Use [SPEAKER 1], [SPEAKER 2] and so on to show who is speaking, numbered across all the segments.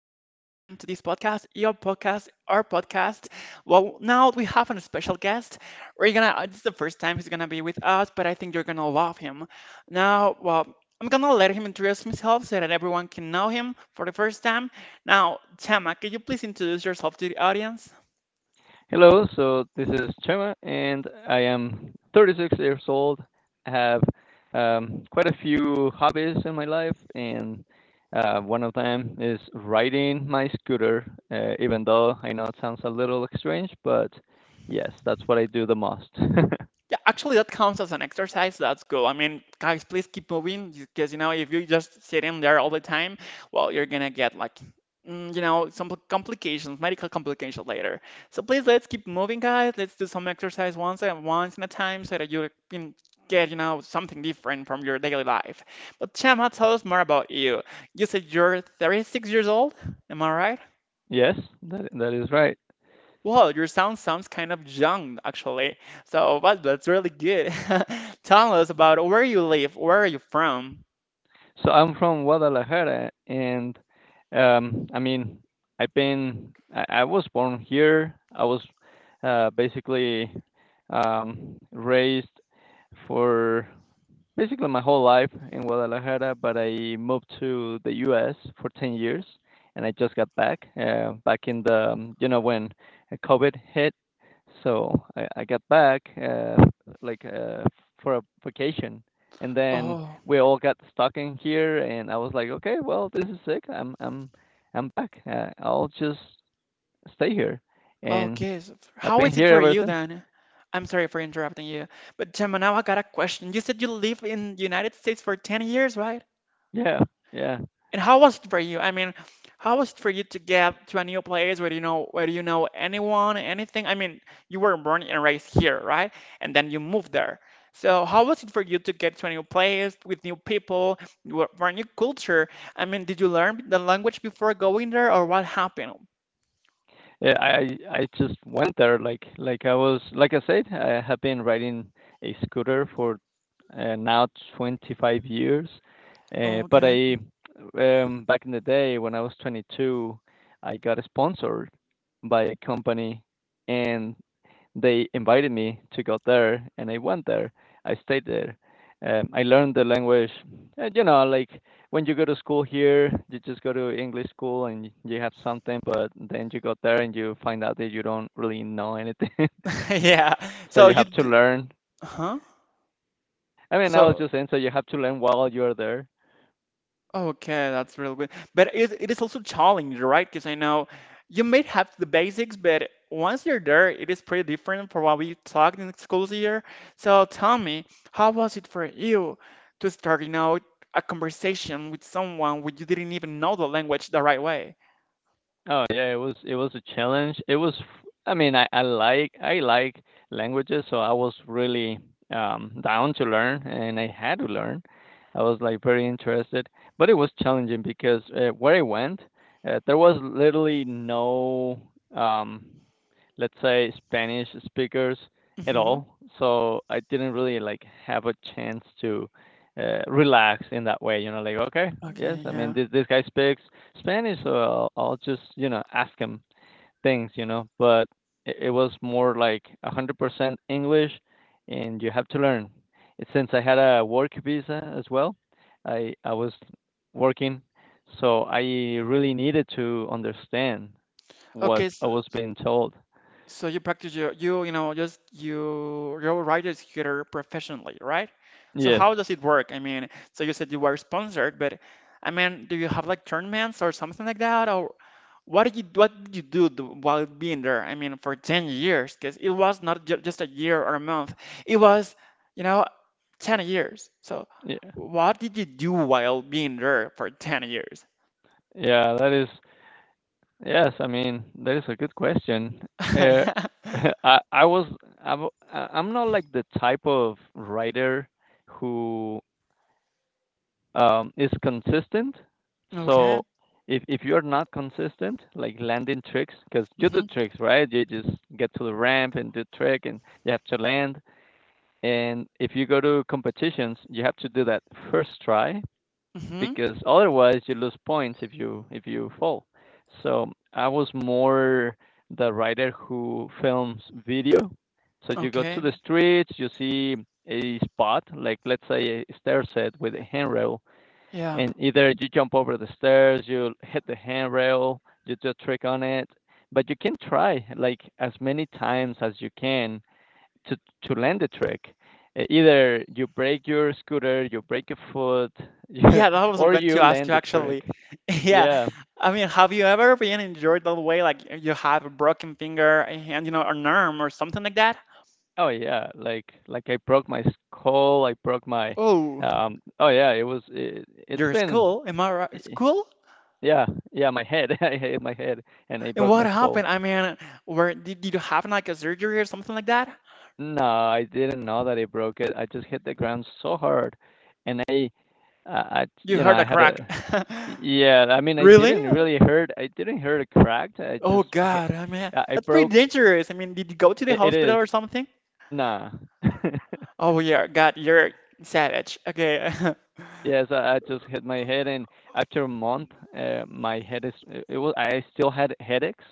[SPEAKER 1] to this podcast, your podcast, our podcast. Well, now we have a special guest. This is the first time he's gonna be with us, but I think you're gonna love him. Now, well, I'm gonna let him introduce himself so that everyone can know him for the first time. Now, Tama, can you please introduce yourself to the audience?
[SPEAKER 2] Hello, so this is Chema, and I am 36 years old. I have quite a few hobbies in my life, and one of them is riding my scooter, even though I know it sounds a little strange, but yes, that's what I do the most.
[SPEAKER 1] Yeah, actually, that counts as an exercise. That's cool. I mean, guys, please keep moving because you know if you just sitting there all the time, well, you're gonna get like, some complications, medical complications later. So please let's keep moving, guys. Let's do some exercise once and once in a time so that you can get something different from your daily life. But Chema, tell us more about you. You said you're 36 years old. Am I right?
[SPEAKER 2] Yes, that is right.
[SPEAKER 1] Wow, your sound sounds kind of young, actually. So, but that's really good. Tell us about where you live. Where are you from?
[SPEAKER 2] So I'm from Guadalajara, and I mean, I was born here. I was basically raised for basically my whole life in Guadalajara, but I moved to the U.S. for 10 years, and I just got back back in the you know when COVID hit. So I got back like uh, for a vacation, and then
[SPEAKER 1] Oh,
[SPEAKER 2] we all got stuck in here, and I was like, okay, well this is sick. I'm back. I'll just stay here, and
[SPEAKER 1] okay.
[SPEAKER 2] I've
[SPEAKER 1] How
[SPEAKER 2] been
[SPEAKER 1] is it
[SPEAKER 2] here
[SPEAKER 1] for
[SPEAKER 2] ever
[SPEAKER 1] you
[SPEAKER 2] since.
[SPEAKER 1] then? I'm sorry for interrupting you, but Gemma, now I got a question. You said you live in the United States for 10 years, right?
[SPEAKER 2] Yeah, yeah.
[SPEAKER 1] And how was it for you? I mean, how was it for you to get to a new place where where you know anyone, anything? I mean, you were born and raised here, right? And then you moved there. So how was it for you to get to a new place with new people, for a new culture? I mean, did you learn the language before going there, or what happened?
[SPEAKER 2] Yeah, I just went there like I was like I said, I have been riding a scooter for now 25 years. But
[SPEAKER 1] Okay.
[SPEAKER 2] I Back in the day when I was 22, I got sponsored by a company, and they invited me to go there, and I went there. I stayed there. I learned the language. You know, like when you go to school here, you just go to English school and you have something, but then you go there and you find out that you don't really know anything.
[SPEAKER 1] Yeah.
[SPEAKER 2] So
[SPEAKER 1] So
[SPEAKER 2] you
[SPEAKER 1] you,
[SPEAKER 2] have to
[SPEAKER 1] d-
[SPEAKER 2] learn.
[SPEAKER 1] huh?
[SPEAKER 2] I mean, I was
[SPEAKER 1] So
[SPEAKER 2] just saying, so you have to learn while you're there.
[SPEAKER 1] okay, that's really good. But it is also challenging, right? Because I know you may have the basics, but once you're there, it is pretty different from what we talked in the school year. So tell me, how was it for you to start, you know, a conversation with someone when you didn't even know the language the right way?
[SPEAKER 2] Oh yeah, it was a challenge. It was I mean, I like languages, so I was really down to learn, and I had to learn. I was like very interested, but it was challenging because where I went, there was literally no, um, let's say, Spanish speakers at
[SPEAKER 1] Hmm.
[SPEAKER 2] all. So I didn't really like have a chance to relax in that way. You know, like okay, yes,
[SPEAKER 1] Okay,
[SPEAKER 2] I mean
[SPEAKER 1] yeah.
[SPEAKER 2] this guy speaks Spanish, so I'll just, you know, ask him things, you know, but it was more like 100% English, and you have to learn. And since I had a work visa as well, I was working, so I really needed to understand what
[SPEAKER 1] Okay,
[SPEAKER 2] I
[SPEAKER 1] so
[SPEAKER 2] was being told.
[SPEAKER 1] so you practice your you you know just you your writer's computer professionally, right? So
[SPEAKER 2] Yes.
[SPEAKER 1] how does it work? I mean, so you said you were sponsored, but I mean, do you have like tournaments or something like that, or what did you do while being there? I mean, for 10 years, because it was not ju just a year or a month, it was you know 10 years. So
[SPEAKER 2] Yeah.
[SPEAKER 1] what did you do while being there for 10 years?
[SPEAKER 2] Yeah, that is Yes, I mean, that is a good question. Uh, I was I w- I- I'm not like the type of writer who is consistent.
[SPEAKER 1] Yeah.
[SPEAKER 2] So
[SPEAKER 1] Okay.
[SPEAKER 2] if you're not consistent, like landing tricks, because you do
[SPEAKER 1] Mm-hmm.
[SPEAKER 2] tricks, right? You just get to the ramp and do trick, and you have to land. And if you go to competitions, you have to do that first try
[SPEAKER 1] Mm-hmm.
[SPEAKER 2] because otherwise you lose points if you fall. So I was more the writer who films video. So you go to
[SPEAKER 1] Okay.
[SPEAKER 2] the streets, you see a spot like let's say a stair set with a handrail,
[SPEAKER 1] Yeah.
[SPEAKER 2] and either you jump over the stairs, you hit the handrail, you do a trick on it, but you can try like as many times as you can to to land the trick. Either you break your scooter, you break your foot,
[SPEAKER 1] Yeah, that was
[SPEAKER 2] or
[SPEAKER 1] going
[SPEAKER 2] you
[SPEAKER 1] to ask
[SPEAKER 2] land
[SPEAKER 1] you
[SPEAKER 2] the
[SPEAKER 1] actually.
[SPEAKER 2] trick.
[SPEAKER 1] Yeah,
[SPEAKER 2] Yeah.
[SPEAKER 1] I mean, have you ever been injured that way? Like you have a broken finger and an arm or something like that?
[SPEAKER 2] Oh yeah. Like I broke my skull. I broke my.
[SPEAKER 1] Oh,
[SPEAKER 2] Oh yeah. It was. It, it's
[SPEAKER 1] your
[SPEAKER 2] been.
[SPEAKER 1] school? Am I right? School?
[SPEAKER 2] Yeah. Yeah. My head. I hit my head, and I
[SPEAKER 1] And
[SPEAKER 2] broke
[SPEAKER 1] what
[SPEAKER 2] my skull.
[SPEAKER 1] happened? I mean, did you have like a surgery or something like that?
[SPEAKER 2] No, I didn't know that it broke it. I just hit the ground so hard, and
[SPEAKER 1] You
[SPEAKER 2] you know,
[SPEAKER 1] heard
[SPEAKER 2] I
[SPEAKER 1] a
[SPEAKER 2] had a,
[SPEAKER 1] crack.
[SPEAKER 2] yeah. I mean, I
[SPEAKER 1] Really?
[SPEAKER 2] didn't really hurt. I didn't hurt it cracked. I
[SPEAKER 1] Oh
[SPEAKER 2] just hit.
[SPEAKER 1] God, I mean,
[SPEAKER 2] I
[SPEAKER 1] that's pretty
[SPEAKER 2] broke.
[SPEAKER 1] dangerous. I mean, did you go to the
[SPEAKER 2] It
[SPEAKER 1] hospital
[SPEAKER 2] is.
[SPEAKER 1] or something?
[SPEAKER 2] Nah.
[SPEAKER 1] Oh yeah, God, you're savage. Okay.
[SPEAKER 2] Yes, I just hit my head, and after a month, my head is it, it was I still had headaches,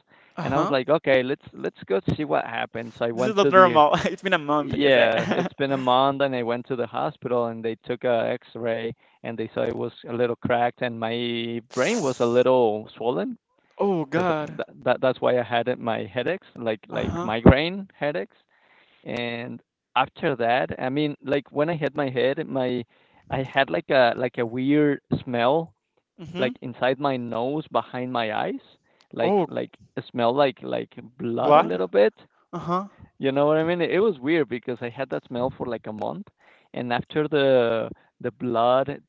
[SPEAKER 2] and I was
[SPEAKER 1] Uh-huh.
[SPEAKER 2] like, okay, let's go see what happened. So I
[SPEAKER 1] This is
[SPEAKER 2] went
[SPEAKER 1] not
[SPEAKER 2] to the—
[SPEAKER 1] normal. It's been a month, you say.
[SPEAKER 2] Yeah, it's been a month and I went to the hospital and they took a X-ray and they saw it was a little cracked and my brain was a little swollen
[SPEAKER 1] Oh
[SPEAKER 2] because
[SPEAKER 1] God.
[SPEAKER 2] that's why I had it, my headaches, like
[SPEAKER 1] Uh-huh.
[SPEAKER 2] migraine headaches. And after that, I mean, like when I hit my head, my— I had like a weird smell
[SPEAKER 1] Mm-hmm.
[SPEAKER 2] like inside my nose behind my eyes,
[SPEAKER 1] Oh,
[SPEAKER 2] like it smelled like blood a
[SPEAKER 1] blood.
[SPEAKER 2] little bit,
[SPEAKER 1] Uh-huh.
[SPEAKER 2] you know what I mean? It was weird because I had that smell for like a month, and after the blood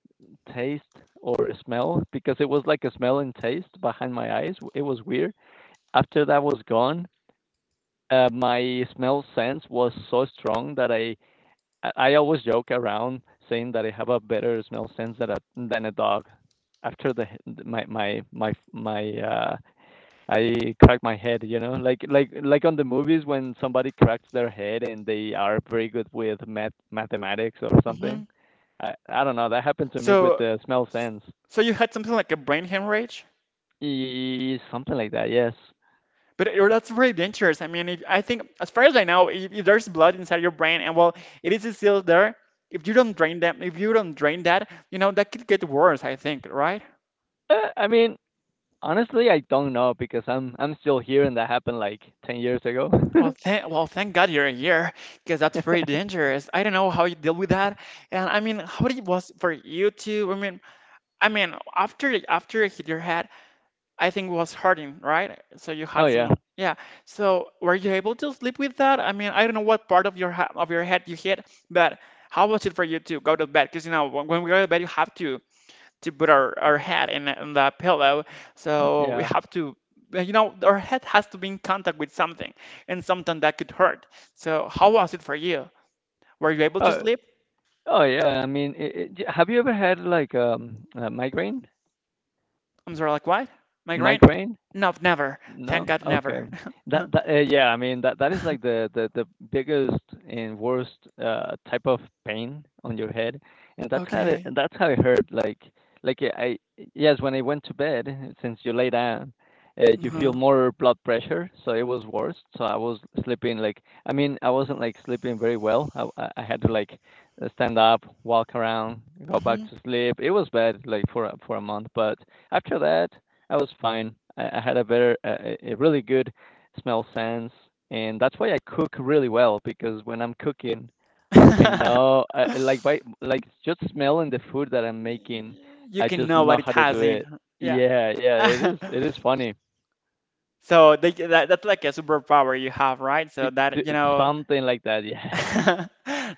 [SPEAKER 2] taste or smell, because it was like a smell and taste behind my eyes, it was weird. After that was gone, my smell sense was so strong that I always joke around saying that I have a better smell sense than a dog. After the my my my my I crack my head, you know, like on the movies when somebody cracks their head and they are very good with mathematics or
[SPEAKER 1] Mm-hmm.
[SPEAKER 2] something. I don't know. That happened to me with
[SPEAKER 1] So,
[SPEAKER 2] the smell sense.
[SPEAKER 1] so you had something like a brain hemorrhage?
[SPEAKER 2] Something like that. Yes.
[SPEAKER 1] But that's really dangerous. I mean, if, I think, as far as I know, if there's blood inside your brain, and well, it is still there. If you don't drain them, if you don't drain that, you know, that could get worse. I think, right?
[SPEAKER 2] I mean, honestly, I don't know because I'm still here and that happened like 10 years ago.
[SPEAKER 1] Thank God you're here, because that's pretty dangerous. I don't know how you deal with that, and I mean, how it was for you to. I mean, after it hit your head, I think it was hurting, right? So you
[SPEAKER 2] Oh
[SPEAKER 1] had
[SPEAKER 2] yeah.
[SPEAKER 1] some, yeah. So were you able to sleep with that? I mean, I don't know what part of your ha of your head you hit, but how was it for you to go to bed? Because you know, when we go to bed, you have to put our head in the pillow,
[SPEAKER 2] Mm,
[SPEAKER 1] so we
[SPEAKER 2] yeah.
[SPEAKER 1] have to, you know, our head has to be in contact with something, and something that could hurt. So how was it for you? Were you able to
[SPEAKER 2] Oh
[SPEAKER 1] sleep?
[SPEAKER 2] oh yeah. I mean, have you ever had like a migraine?
[SPEAKER 1] I'm sorry, like what? Migraine?
[SPEAKER 2] Migraine?
[SPEAKER 1] No, never. Thank
[SPEAKER 2] No?
[SPEAKER 1] God,
[SPEAKER 2] Okay.
[SPEAKER 1] never.
[SPEAKER 2] That that yeah, I mean that is like the biggest and worst type of pain on your head. And that's how it
[SPEAKER 1] Okay.
[SPEAKER 2] that's how it hurt like I yes, when I went to bed since you lay down, you feel
[SPEAKER 1] Uh-huh.
[SPEAKER 2] more blood pressure, so it was worse. So I was sleeping like— I mean, I wasn't like sleeping very well. I had to like stand up, walk around, go back
[SPEAKER 1] Hmm.
[SPEAKER 2] to sleep. It was bad like for for a month, but after that I was fine. I had a better, a really good smell sense, and that's why I cook really well because when I'm cooking, I like by like just smelling the food that I'm making,
[SPEAKER 1] You
[SPEAKER 2] I
[SPEAKER 1] can
[SPEAKER 2] just
[SPEAKER 1] know
[SPEAKER 2] know
[SPEAKER 1] what it
[SPEAKER 2] how to
[SPEAKER 1] has
[SPEAKER 2] do
[SPEAKER 1] in.
[SPEAKER 2] it.
[SPEAKER 1] Her. Yeah.
[SPEAKER 2] Yeah, yeah, it is. It is funny.
[SPEAKER 1] So they, that, that's like a superpower you have, right? So
[SPEAKER 2] It, it-
[SPEAKER 1] that, you know,
[SPEAKER 2] Something like that. Yeah.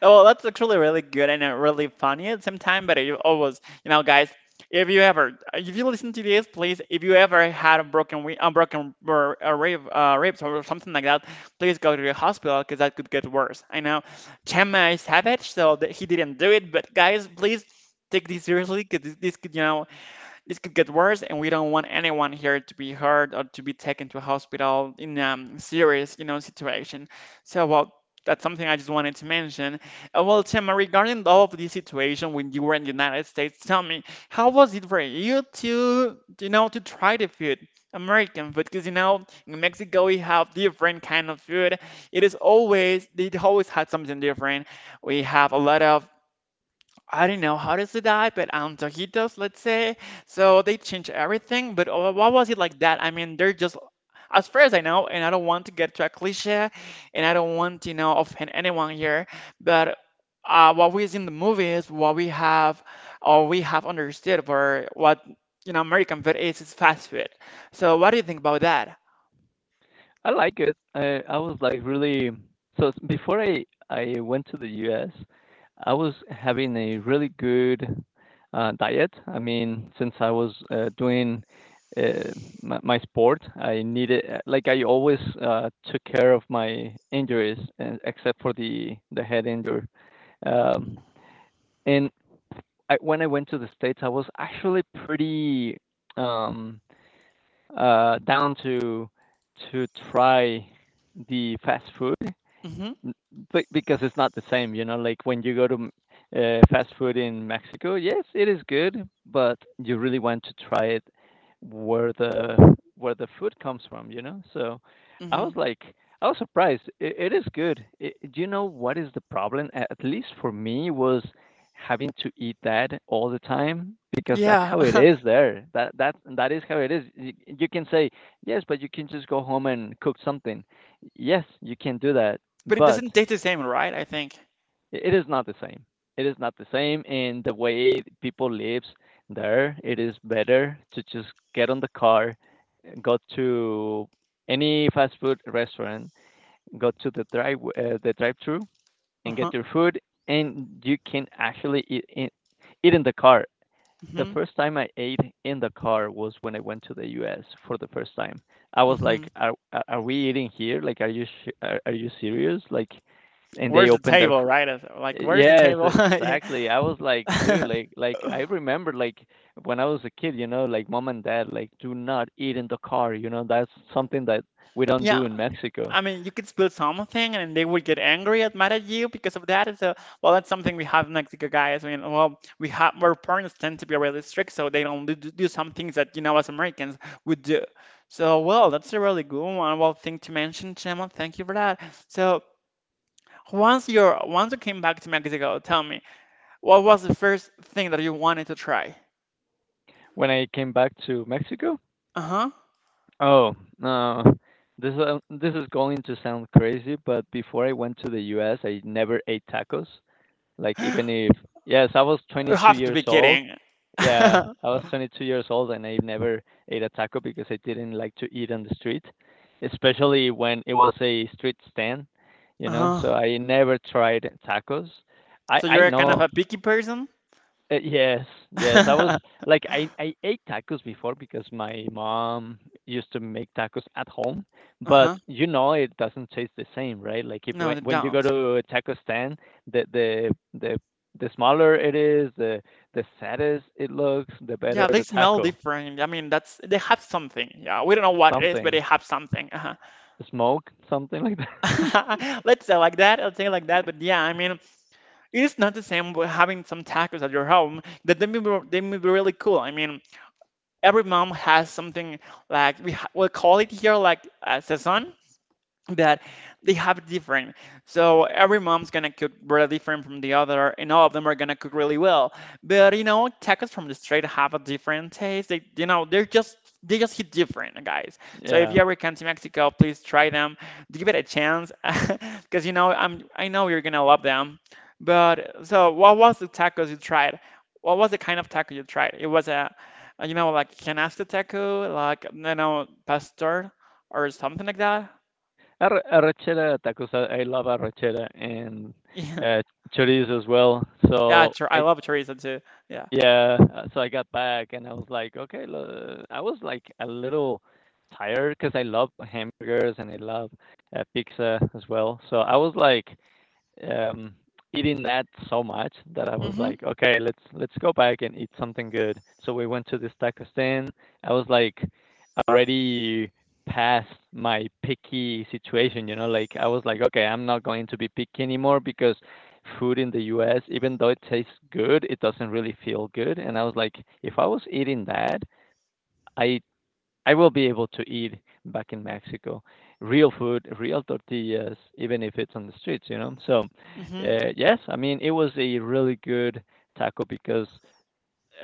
[SPEAKER 1] oh, that's actually really good and really funny at the same time. But you always, you know, guys, if you ever, if you listen to this, please, if you ever had a broken, a rib, ribs or something like that, please go to the hospital because that could get worse. I know Chema is savage, so that he didn't do it. But guys, please take this seriously because this could, you know, this could get worse, and we don't want anyone here to be hurt or to be taken to a hospital in a serious, you know, situation. So, well, that's something I just wanted to mention. Well, Tim, regarding all of this situation when you were in the United States, tell me, how was it for you to, you know, to try the food? American food, because you know in Mexico we have different kind of food. It is always they always had something different. We have a lot of I don't know how does it die, but taquitos, let's say. So they change everything, but why was it like that? I mean, they're just, as far as I know, and I don't want to get to a cliche, and I don't want to, you know, offend anyone here, but what we see in the movies, what we have, or we have understood for what, you know, American food is fast food. So what do you think about that?
[SPEAKER 2] I like it. I was like really so before I went to the US, I was having a really good diet. I mean, since I was doing uh, my sport, I needed like I always took care of my injuries, and except for the head injury. Um, and I, when I went to the states, I was actually pretty— Um, down to to try the fast food.
[SPEAKER 1] Mm-hmm,
[SPEAKER 2] N- Be because it's not the same, you know, like when you go to fast food in Mexico, yes, it is good, but you really want to try it where the where the food comes from, you know? So I was
[SPEAKER 1] mm-hmm.
[SPEAKER 2] like, I was surprised. It is good. I— do you know what is the problem? A- At least for me, was having to eat that all the time because that's
[SPEAKER 1] Yeah,
[SPEAKER 2] how it is there. That is how it is. You can say yes, but you can just go home and cook something. Yes, you can do that,
[SPEAKER 1] but it
[SPEAKER 2] but
[SPEAKER 1] doesn't taste the same, right? I think.
[SPEAKER 2] it is not the same. It is not the same in the way people lives there. It is better to just get on the car, go to any fast food restaurant, go to the drive the drive-through and
[SPEAKER 1] Uh-huh.
[SPEAKER 2] get your food, and you can actually eat in the car. The
[SPEAKER 1] Mm-hmm.
[SPEAKER 2] first time I ate in the car was when I went to the US for the first time. I was like,
[SPEAKER 1] Mm-hmm.
[SPEAKER 2] "Are we eating here? Like, are you serious?" Like, and they
[SPEAKER 1] Where's the
[SPEAKER 2] opened their
[SPEAKER 1] table,
[SPEAKER 2] fr
[SPEAKER 1] right? It's like, where's the
[SPEAKER 2] Yes,
[SPEAKER 1] table?
[SPEAKER 2] exactly. I was like, "Dude, like
[SPEAKER 1] Yeah.
[SPEAKER 2] I remember like when I was a kid, you know, like mom and dad like do not eat in the car, you know, that's something that we don't do
[SPEAKER 1] Yeah.
[SPEAKER 2] in Mexico."
[SPEAKER 1] I mean, you could spill something and they would get angry at mad at you because of that. So, well, that's something we have in Mexico, guys. I mean, well, we have our parents tend to be really strict, so they don't do, do some things that, you know, as Americans would do. So, well, that's a really good one. Well, thing to mention, Chema. Thank you for that. So, once you came back to Mexico, tell me, what was the first thing that you wanted to try?
[SPEAKER 2] When I came back to Mexico—
[SPEAKER 1] Uh-huh.
[SPEAKER 2] Oh, no. This is going to sound crazy, but before I went to the US, I never ate tacos. Like even if— yes, I was
[SPEAKER 1] You
[SPEAKER 2] 22
[SPEAKER 1] have to
[SPEAKER 2] years
[SPEAKER 1] be
[SPEAKER 2] old.
[SPEAKER 1] kidding.
[SPEAKER 2] Yeah, I was 22 years old and I never ate a taco because I didn't like to eat on the street, especially when it was a street stand, you know.
[SPEAKER 1] Uh-huh.
[SPEAKER 2] So I never tried tacos.
[SPEAKER 1] So
[SPEAKER 2] I
[SPEAKER 1] you're kind of
[SPEAKER 2] know
[SPEAKER 1] a picky person?
[SPEAKER 2] yes, yes. I was
[SPEAKER 1] Uh-huh.
[SPEAKER 2] like I ate tacos before because my mom used to make tacos at home, but you know it doesn't taste the same, right? Like if you,
[SPEAKER 1] No, they
[SPEAKER 2] when you go
[SPEAKER 1] don't.
[SPEAKER 2] to a taco stand, the the the the smaller it is, the saddest it looks, the better
[SPEAKER 1] Yeah, they
[SPEAKER 2] the
[SPEAKER 1] smell
[SPEAKER 2] taco.
[SPEAKER 1] different. I mean, that's they have something. Yeah, we don't know what it is, but they
[SPEAKER 2] Something
[SPEAKER 1] have something. Uh-huh.
[SPEAKER 2] smoke, something like that.
[SPEAKER 1] Let's say like that. Let's say like that. But yeah, I mean, it is not the same with having some tacos at your home. That they may be really cool. I mean, every mom has something like we call it here like sazon. That they have different. So every mom's gonna cook really different from the other, and all of them are gonna cook really well. But you know, tacos from the street have a different taste. You know, they're just they just hit different, guys. So if
[SPEAKER 2] Yeah.
[SPEAKER 1] you ever come to Mexico, please try them. Give it a chance, because I know you're gonna love them. But so what was the tacos you tried? What was the kind of taco you tried? It was a, you know, like canasta taco, like you know, pastor or something like that.
[SPEAKER 2] Arrachera tacos. I love arrachera and uh, chorizo as well.
[SPEAKER 1] Yeah,
[SPEAKER 2] So
[SPEAKER 1] I
[SPEAKER 2] I
[SPEAKER 1] love tourism too. Yeah.
[SPEAKER 2] Yeah, so I got back and I was like, okay, lo I was like a little tired because I love hamburgers and I love pizza as well. So I was like, um, eating that so much that I was
[SPEAKER 1] Mhm.
[SPEAKER 2] like, okay, let's go back and eat something good. So we went to this taco stand. I was like already past my picky situation, you know, like I was like, okay, I'm not going to be picky anymore because food in the US, even though it tastes good, it doesn't really feel good. And I was like, if I was eating that, I I will be able to eat back in Mexico real food, real tortillas, even if it's on the streets, you know? So,
[SPEAKER 1] Mhm.
[SPEAKER 2] yes, I mean, it was a really good taco because,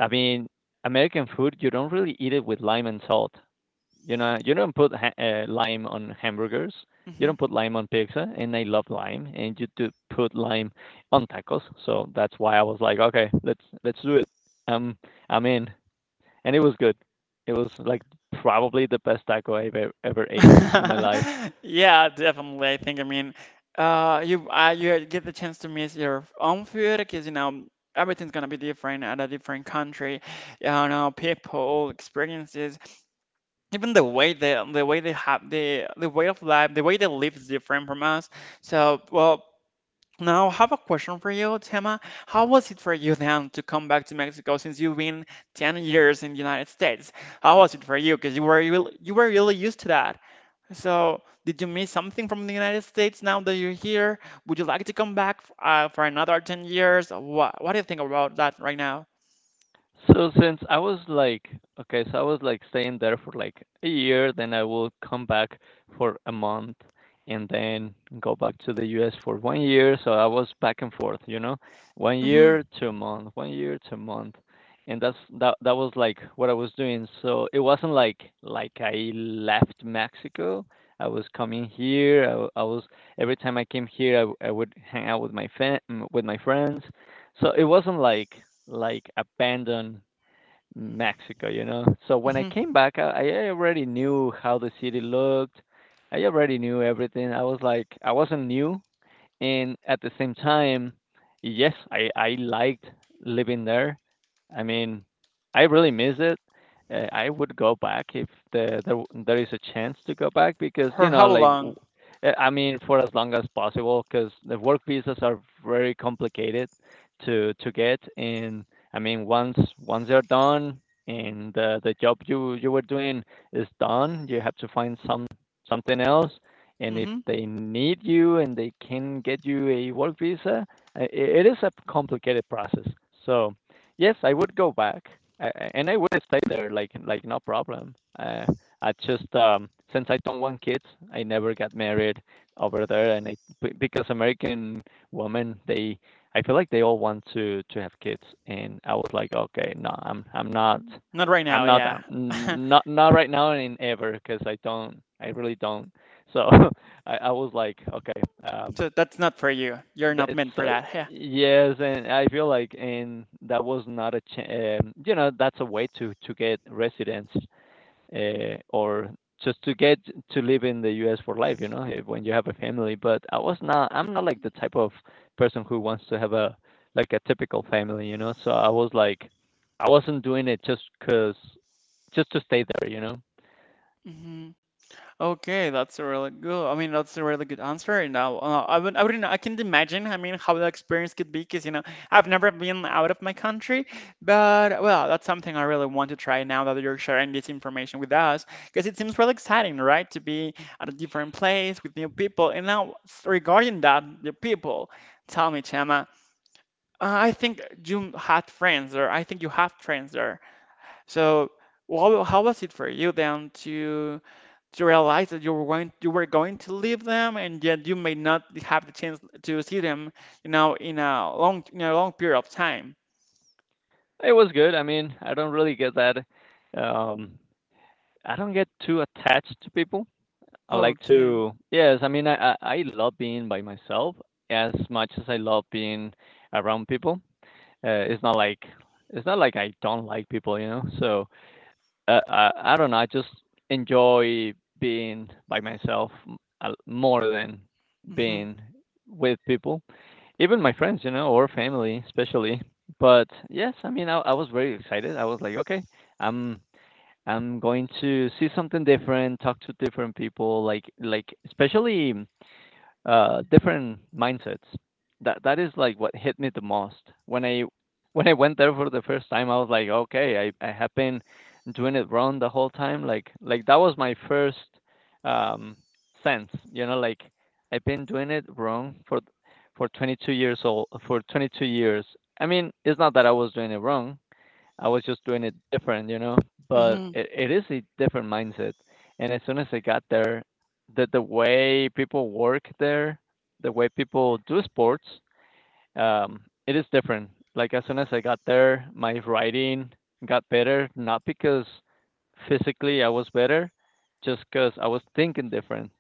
[SPEAKER 2] I mean, American food, you don't really eat it with lime and salt. You know, you don't put lime on hamburgers. You
[SPEAKER 1] Mhm.
[SPEAKER 2] don't put lime on pizza, and I love lime, and you do put lime on tacos. So that's why I was like, okay, let's do it. Um, I'm in and it was good. It was like probably the best taco ever eaten in my life.
[SPEAKER 1] Yeah, definitely. I think. I mean, you get the chance to miss your own food because you know everything's gonna be different at a different country. You know, people, experiences, even the way they have the way of life, the way they live is different from us. So, well, now, I have a question for you, Tema. How was it for you then to come back to Mexico since you've been 10 years in the United States? How was it for you? Because you were really used to that. So, did you miss something from the United States now that you're here? Would you like to come back for another 10 years? What do you think about that right now?
[SPEAKER 2] So since I was like, okay, so I was like staying there for like a year, then I will come back for a month and then go back to the US for 1 year. So I was back and forth, you know, one
[SPEAKER 1] Hmm.
[SPEAKER 2] year to a month, 1 year to a month. And that was like what I was doing. So it wasn't like I left Mexico. I was coming here. I, w- I was every time I came here, I would hang out with my fan with my friends. So it wasn't like abandoned Mexico, you know. So when I
[SPEAKER 1] Hmm.
[SPEAKER 2] came back, I already knew how the city looked. I already knew everything. I was like, I wasn't new, and at the same time, yes, I liked living there. I mean, I really miss it. I would go back if there is a chance to go back because you
[SPEAKER 1] For
[SPEAKER 2] know
[SPEAKER 1] how
[SPEAKER 2] like
[SPEAKER 1] long?
[SPEAKER 2] I mean for as long as possible because the work visas are very complicated to get, and I mean once they're done and the job you were doing is done, you have to find something else, and if
[SPEAKER 1] Hmm.
[SPEAKER 2] they need you and they can get you a work visa, uh, it is a complicated process. So yes, I would go back, and I would stay there, like no problem. I just since I don't want kids, I never got married over there, and because American women, they I feel like they all want to have kids, and I was like, okay, no,
[SPEAKER 1] Not right
[SPEAKER 2] I'm
[SPEAKER 1] now,
[SPEAKER 2] not
[SPEAKER 1] yeah.
[SPEAKER 2] down, Not not right now and ever, because I really don't, so I was like, okay, um,
[SPEAKER 1] So that's not for you. You're not meant
[SPEAKER 2] it's
[SPEAKER 1] for that. Yeah.
[SPEAKER 2] yes, and I feel like and that was not a you know that's a way to get residence or just to get to live in the U.S. for life, you know, eh, when you have a family. But I'm not like the type of person who wants to have a like a typical family, you know. So I was like, I wasn't doing it just to stay there, you know.
[SPEAKER 1] Mhm. Okay, that's a really good. I mean, that's a really good answer. And now, I would, I wouldn't, I can't imagine. I mean, how the experience could be, because you know, I've never been out of my country, but well, that's something I really want to try now that you're sharing this information with us, because it seems really exciting, right? To be at a different place with new people. And now, regarding that, the people, tell me, Chema, I think you had friends there. I think you have friends there. So, what, how was it for you then to? To realize that you were going to leave them, and yet you may not have the chance to see them, you know, in a long period of time.
[SPEAKER 2] It was good. I mean, I don't really get that. Um, I don't get too attached to people. I like
[SPEAKER 1] Okay.
[SPEAKER 2] to, yes, I mean, I love being by myself as much as I love being around people. Uh, it's not like it's not like I don't like people, you know. So I don't know. I just enjoy being by myself more than
[SPEAKER 1] Hmm.
[SPEAKER 2] being with people, even my friends, you know, or family, especially. But yes, I mean, I was very excited. I was like, okay, I'm I'm going to see something different, talk to different people, like especially different mindsets. That is like what hit me the most. When I went there for the first time, I was like, okay, I have been doing it wrong the whole time. Like that was my first um sense, you know, like I've been doing it wrong for 22 years old for 22 years. I mean, it's not that I was doing it wrong. I was just doing it different, you know. But
[SPEAKER 1] Hmm.
[SPEAKER 2] it is a different mindset. And as soon as I got there, the way people work there, the way people do sports, um, it is different. Like as soon as I got there, my writing got better, not because physically I was better, just because I was thinking different.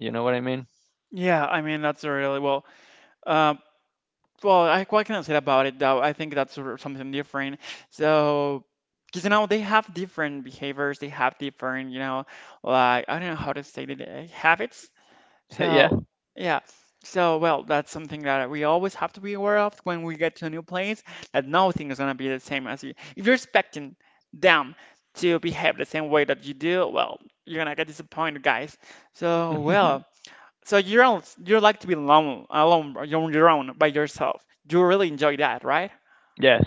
[SPEAKER 2] You know what I mean?
[SPEAKER 1] Yeah, I mean, that's a really well, uh, well, I, what can I say about it? Though I think that's sort of something different. So, because you know, they have different behaviors, they have different, you know, like I don't know how to say it, habits.
[SPEAKER 2] Yeah.
[SPEAKER 1] So, yeah. So, well, that's something that we always have to be aware of when we get to a new place, that nothing is going to be the same as you. If you're expecting them to behave the same way that you do, well, you're going to get disappointed, guys. So, well, so you are not, you like to be alone, alone, on your own, by yourself. You really enjoy that, right?
[SPEAKER 2] Yes.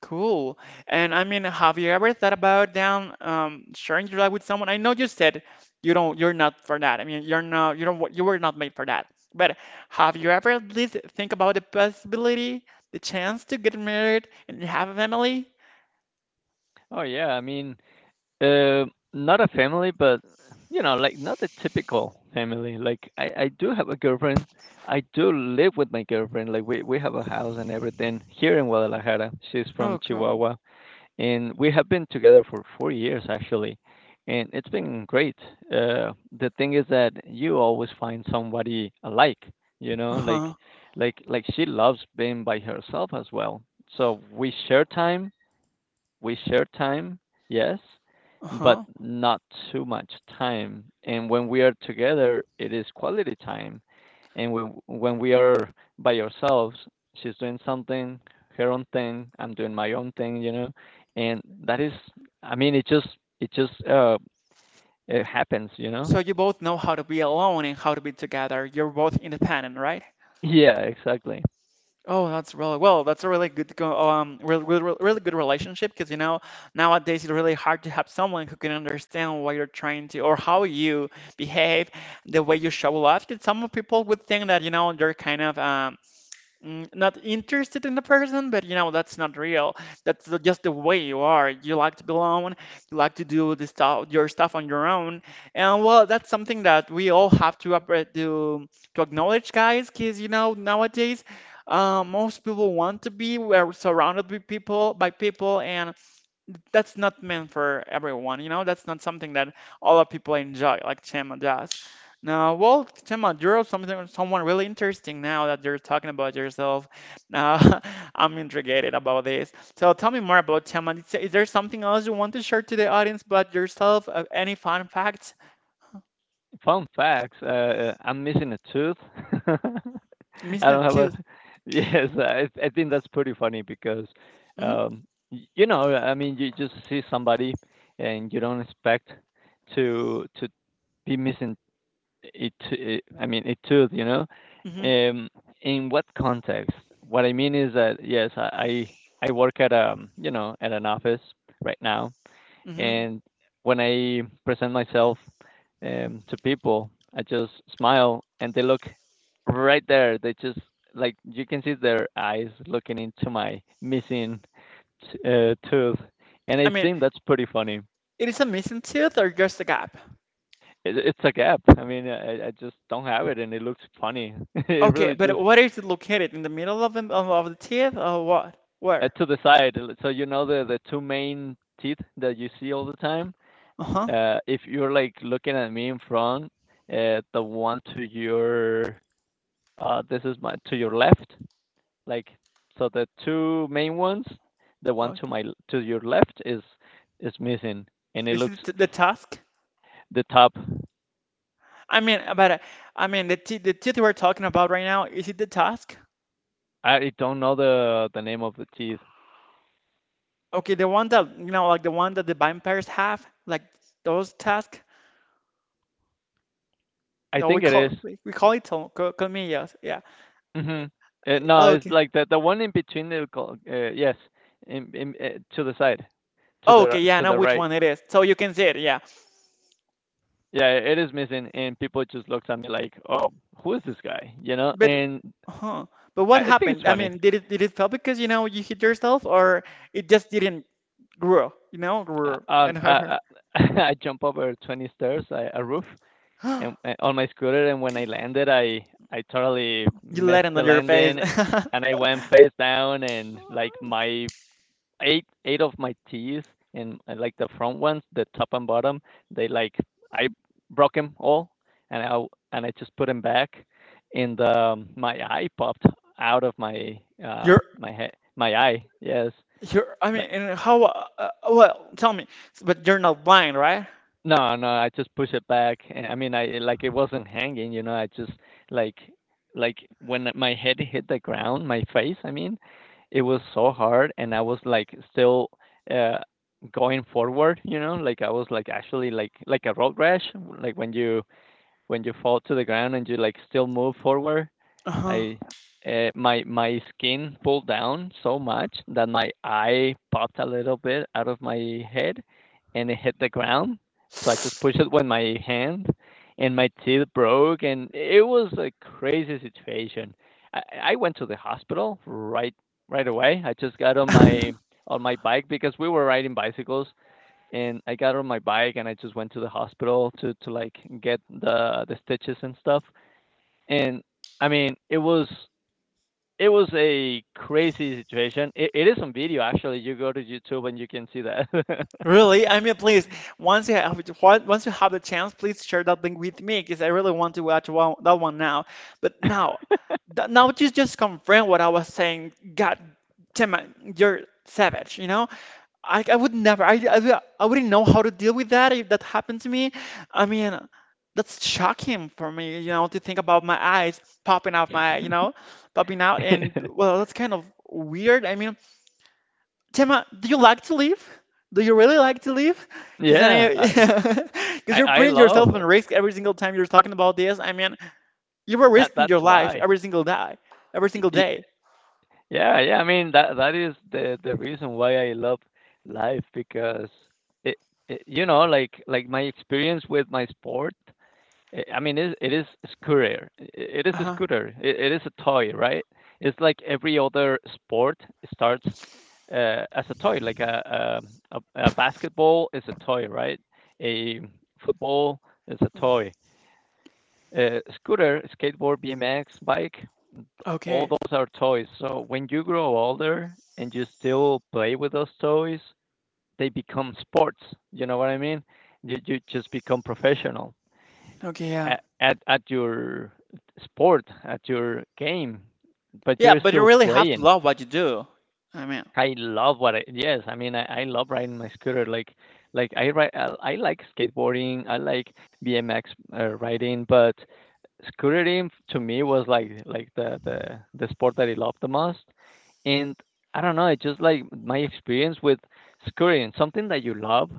[SPEAKER 1] Cool. And I mean, have you ever thought about down sharing your life with someone? I know you said you don't, you're not for that. I mean, you're not, you don't, you were not made for that. But have you ever at least think about the possibility, the chance to get married and have a family?
[SPEAKER 2] Oh yeah. I mean, uh, not a family, but you know, like not a typical family. Like I do have a girlfriend. I do live with my girlfriend. Like we have a house and everything here in Guadalajara. She's
[SPEAKER 1] Oh,
[SPEAKER 2] from
[SPEAKER 1] cool.
[SPEAKER 2] Chihuahua, and we have been together for 4 years actually, and it's been great. Uh, the thing is that you always find somebody alike. You know, like
[SPEAKER 1] Uh-huh.
[SPEAKER 2] like she loves being by herself as well. So we share time, yes, but
[SPEAKER 1] Uh-huh.
[SPEAKER 2] not too much time. And when we are together, it is quality time. And when we are by ourselves, she's doing something, her own thing, I'm doing my own thing, you know. And that is, I mean, it just it happens, you know.
[SPEAKER 1] So you both know how to be alone and how to be together. You're both independent, right?
[SPEAKER 2] Yeah, exactly.
[SPEAKER 1] Oh, that's really well. That's a really good, really, really, really good relationship, because you know nowadays it's really hard to have someone who can understand what you're trying to, or how you behave, the way you show love. Because some people would think that, you know, you're kind of mm, not interested in the person, but you know, that's not real. That's the- just the way you are. You like to be alone, you like to do this stuff, your stuff on your own. And well, that's something that we all have to to acknowledge, guys, because you know, nowadays, most people want to be, we're surrounded by people, and that's not meant for everyone, you know? That's not something that all of people enjoy, like Chema does. Now, well, Chema, you're something, someone really interesting, now that you're talking about yourself. Uh, I'm intrigued about this. So tell me more about Chema. Is there something else you want to share to the audience about yourself? Any fun facts?
[SPEAKER 2] Fun facts. I'm missing a tooth. I
[SPEAKER 1] Missing
[SPEAKER 2] don't have a
[SPEAKER 1] tooth.
[SPEAKER 2] yes, I think that's pretty funny because,
[SPEAKER 1] Mm-hmm,
[SPEAKER 2] um, you know, I mean, you just see somebody and you don't expect to be missing it. I mean, it too, you know.
[SPEAKER 1] mm-hmm,
[SPEAKER 2] Um, in what context? What I mean is that yes, I work at you know at an office right now,
[SPEAKER 1] mm-hmm.
[SPEAKER 2] and when I present myself to people, I just smile and they look right there. They just like you can see their eyes looking into my missing tooth, and
[SPEAKER 1] I
[SPEAKER 2] I
[SPEAKER 1] mean,
[SPEAKER 2] think that's pretty funny.
[SPEAKER 1] it is a missing tooth or just a gap?
[SPEAKER 2] It's a gap. I mean, I just don't have it, and it looks funny. it
[SPEAKER 1] Okay,
[SPEAKER 2] really
[SPEAKER 1] but
[SPEAKER 2] just
[SPEAKER 1] where is it located? In the middle of of the teeth, or what? Where?
[SPEAKER 2] to the side. So you know the two main teeth that you see all the time.
[SPEAKER 1] Uh-huh.
[SPEAKER 2] If you're like looking at me in front, the one to your uh, this is my to your left. Like so, the two main ones, the one to
[SPEAKER 1] Okay.
[SPEAKER 2] my to your left is missing, and it
[SPEAKER 1] Is
[SPEAKER 2] looks
[SPEAKER 1] it the task?
[SPEAKER 2] the top.
[SPEAKER 1] I mean, but I mean the teeth we're talking about right now, is it the task?
[SPEAKER 2] I don't know the name of the teeth.
[SPEAKER 1] Okay, the one that you know, like the one that the vampires have, like those tasks.
[SPEAKER 2] I
[SPEAKER 1] No, we
[SPEAKER 2] think it is.
[SPEAKER 1] call, we call it tel-, co-, colmillas. Yeah.
[SPEAKER 2] Mhm. No, it's
[SPEAKER 1] Okay.
[SPEAKER 2] like the one in between the yes, to the side,
[SPEAKER 1] Okay. Yeah. I
[SPEAKER 2] to
[SPEAKER 1] know
[SPEAKER 2] the
[SPEAKER 1] which
[SPEAKER 2] right.
[SPEAKER 1] one it is. So you can see it. Yeah.
[SPEAKER 2] Yeah, it is missing, and people just looked at me like, "Oh, who is this guy?" You know,
[SPEAKER 1] But,
[SPEAKER 2] and
[SPEAKER 1] huh? But what
[SPEAKER 2] I think it's
[SPEAKER 1] happened? I
[SPEAKER 2] funny.
[SPEAKER 1] mean, did it, did it fail because you know you hit yourself, or it just didn't grow? You know, grow
[SPEAKER 2] On
[SPEAKER 1] and have her.
[SPEAKER 2] I jump over 20 stairs, a roof, and on my scooter. And when I landed, I totally
[SPEAKER 1] You let
[SPEAKER 2] missed
[SPEAKER 1] it
[SPEAKER 2] the
[SPEAKER 1] on your face.
[SPEAKER 2] landing, and I went face down, and like my eight of my teeth, and like the front ones, the top and bottom, they like I broke them all, and I and I just put them back, and my eye popped out of my uh
[SPEAKER 1] Your.
[SPEAKER 2] my head my eye. Yes,
[SPEAKER 1] You're, I mean,
[SPEAKER 2] like
[SPEAKER 1] and how, well, tell me, but you're not blind, right?
[SPEAKER 2] No, no, I just push it back. And I mean, I like it wasn't hanging, you know. I just like like when my head hit the ground, my face, I mean, it was so hard, and I was like still uh going forward, you know. Like I was like actually like a road rash, like when you fall to the ground and you like still move forward.
[SPEAKER 1] Uh-huh.
[SPEAKER 2] I my skin pulled down so much that my eye popped a little bit out of my head, and it hit the ground. So I just pushed it with my hand, and my teeth broke, and it was a crazy situation. I, I went to the hospital right away. I just got on my bike because we were riding bicycles, and I got on my bike and I just went to the hospital to get the stitches and stuff. And I mean, it was it was a crazy situation. It is on video actually. You go to YouTube and you can see that.
[SPEAKER 1] Really? I mean, please, once you have the chance, please share that link with me, because I really want to watch one, that one now. But now, th now you just confirm what I was saying. God damn it, you're savage, you know? I would never. I wouldn't know how to deal with that if that happened to me. I mean, that's shocking for me, you know, to think about my eyes popping out my, you know, popping out, and well, that's kind of weird. I mean, Tema, do you like to live? Do you really like to live? Because
[SPEAKER 2] Yeah,
[SPEAKER 1] because you're
[SPEAKER 2] I
[SPEAKER 1] putting yourself
[SPEAKER 2] love
[SPEAKER 1] in
[SPEAKER 2] it.
[SPEAKER 1] risk every single time you're talking about this. I mean, you were
[SPEAKER 2] That
[SPEAKER 1] risking your
[SPEAKER 2] that's
[SPEAKER 1] life
[SPEAKER 2] why.
[SPEAKER 1] every single day, every
[SPEAKER 2] Y-
[SPEAKER 1] single
[SPEAKER 2] y-
[SPEAKER 1] day.
[SPEAKER 2] Yeah, yeah. I mean that is the reason why I love life because it, it like my experience with my sport I mean, it is a scooter. It is a
[SPEAKER 1] Uh-huh.
[SPEAKER 2] scooter. It is a toy, right? It's like every other sport starts as a toy, like a basketball is a toy, right? A football is a toy. A scooter, skateboard, BMX, bike, all
[SPEAKER 1] Okay.
[SPEAKER 2] those are toys. So when you grow older and you still play with those toys, they become sports. You know what I mean? You just become professional
[SPEAKER 1] Okay. Yeah.
[SPEAKER 2] at at your sport, at your game, but
[SPEAKER 1] Yeah,
[SPEAKER 2] you're
[SPEAKER 1] but you
[SPEAKER 2] still
[SPEAKER 1] really have to
[SPEAKER 2] playing.
[SPEAKER 1] love what you do. I mean.
[SPEAKER 2] I love what I yes, I mean, I love riding my scooter. Like I ride, I like skateboarding. I like BMX riding, but scootering to me was like the the sport that I love the most. And I don't know, it's just like my experience with scootering, something that you love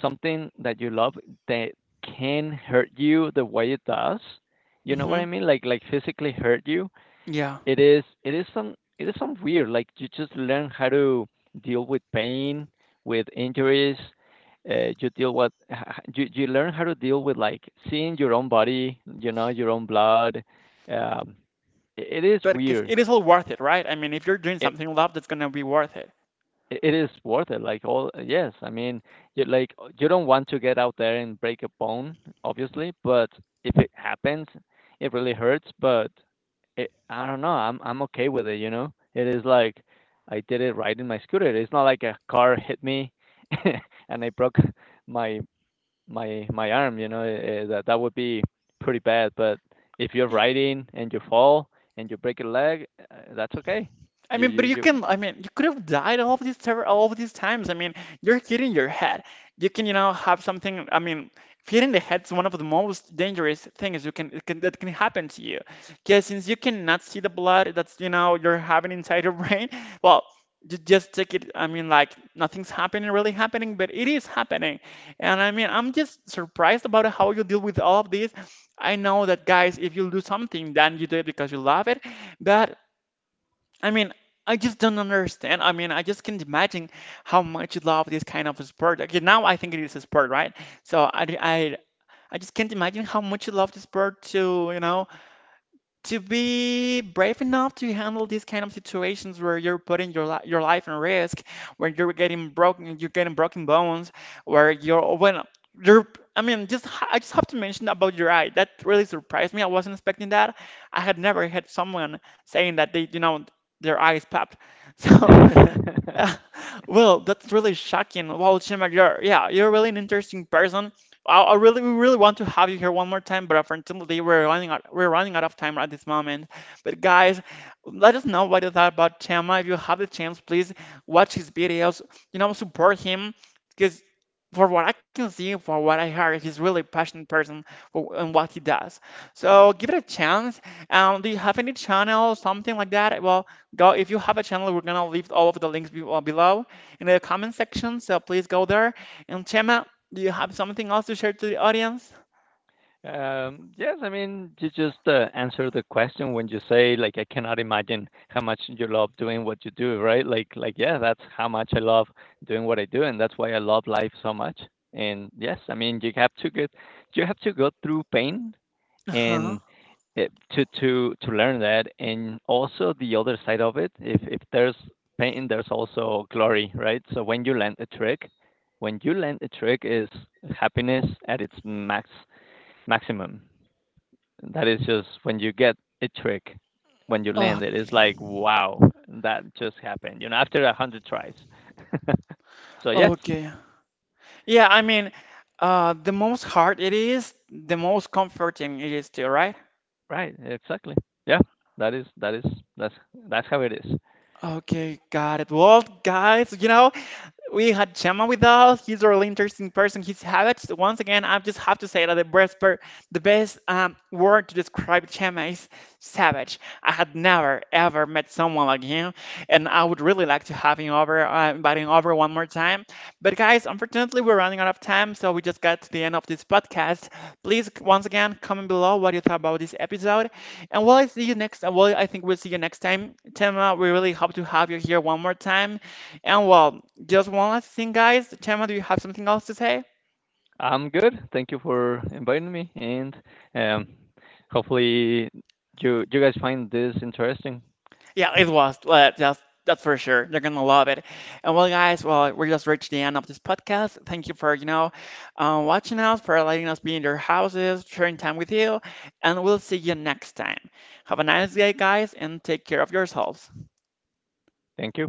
[SPEAKER 2] something that you love that can hurt you the way it does, you know what
[SPEAKER 1] Hmm.
[SPEAKER 2] I mean, like physically hurt you.
[SPEAKER 1] Yeah.
[SPEAKER 2] It is it is some weird, like you just learn how to deal with pain, with injuries, you deal with you learn how to deal with like seeing your own body, you know, your own blood, um, it is
[SPEAKER 1] But 'cause
[SPEAKER 2] weird.
[SPEAKER 1] it is all worth it, right? I mean, if you're doing
[SPEAKER 2] It,
[SPEAKER 1] something you love, that's gonna be worth it.
[SPEAKER 2] it is worth it, like, all yes, I mean, you like, you don't want to get out there and break a bone, obviously, but if it happens, it really hurts, but it I don't know, I'm okay with it, you know? It is like, I did it riding my scooter, it's not like a car hit me and I broke my my my arm, you know? That would be pretty bad, but if you're
[SPEAKER 1] I-
[SPEAKER 2] riding and you fall and you break a leg, that's okay.
[SPEAKER 1] I
[SPEAKER 2] You
[SPEAKER 1] mean,
[SPEAKER 2] you
[SPEAKER 1] but you
[SPEAKER 2] you
[SPEAKER 1] can. I mean, you could have died all of these times. I mean, you're hitting your head. You can, you know, have something. I mean, hitting the head's one of the most dangerous things you can, it can that can happen to you. Because since you cannot see the blood that's, you know, you're having inside your brain, well, you just take it. I mean, like nothing's happening, really happening, but it is happening. And I mean, I'm just surprised about how you deal with all of this. I know that, guys, if you do something, then you do it because you love it. But I mean, I just don't understand. I mean, I just can't imagine how much you love this kind of sport. Okay, now I think it is a sport, right? So I just can't imagine how much you love the sport to, you know, to be brave enough to handle these kind of situations where you're putting your life in risk, where you're getting broken bones, where you're, when you're. I mean, I just have to mention about your eye. That really surprised me. I wasn't expecting that. I had never had someone saying that they, you know, their eye is popped. So well, that's really shocking. Wow, Chema, you're, yeah, you're really an interesting person. I really, we really want to have you here one more time, but unfortunately, we're running out of time at this moment. But guys, let us know what you thought about Chema. If you have the chance, please watch his videos. You know, support him, because for what I can see, for what I heard, he's really passionate person for and what he does. So give it a chance. Do you have any channel, something like that? Well, go if you have a channel, we're gonna leave all of the links below in the comment section, so please go there. And Chema, do you have something else to share to the audience?
[SPEAKER 2] Yes, I mean, you just answer the question when you say, like, I cannot imagine how much you love doing what you do, right? Like, yeah, that's how much I love doing what I do, and that's why I love life so much. And yes, I mean, you have to get, you have to go through pain
[SPEAKER 1] Uh-huh.
[SPEAKER 2] and it, to learn that, and also the other side of it. If there's pain, there's also glory, right? So when you land a trick, when you land a trick, is happiness at its maximum. That is just when you get a trick, when you land
[SPEAKER 1] Oh,
[SPEAKER 2] it, it's like wow, that just happened. You know, after 100 tries. So yes,
[SPEAKER 1] okay. Yeah, I mean, the most hard it is, the most comforting it is too, right?
[SPEAKER 2] right, exactly. Yeah, that is that is that's that's how it is.
[SPEAKER 1] Okay, got it. Well, guys, you know, we had Chema with us. He's a really interesting person. His habits, once again, I just have to say that the best word to describe Chema is savage. I had never ever met someone like him, and I would really like to have him over, invite him over one more time. But guys, unfortunately, we're running out of time, so we just got to the end of this podcast. Please, once again, comment below what you thought about this episode, and well, I see you next. Well, I think we'll see you next time, Chema. We really hope to have you here one more time. And well, just one last thing, guys. Chema, do you have something else to say?
[SPEAKER 2] I'm good. Thank you for inviting me, and um, hopefully you guys find this interesting.
[SPEAKER 1] Yeah, it was. That's for sure. They're gonna love it. And well, guys, well, we just reached the end of this podcast. Thank you for you know, watching us, for letting us be in your houses, sharing time with you, and we'll see you next time. Have a nice day, guys, and take care of yourselves.
[SPEAKER 2] Thank you.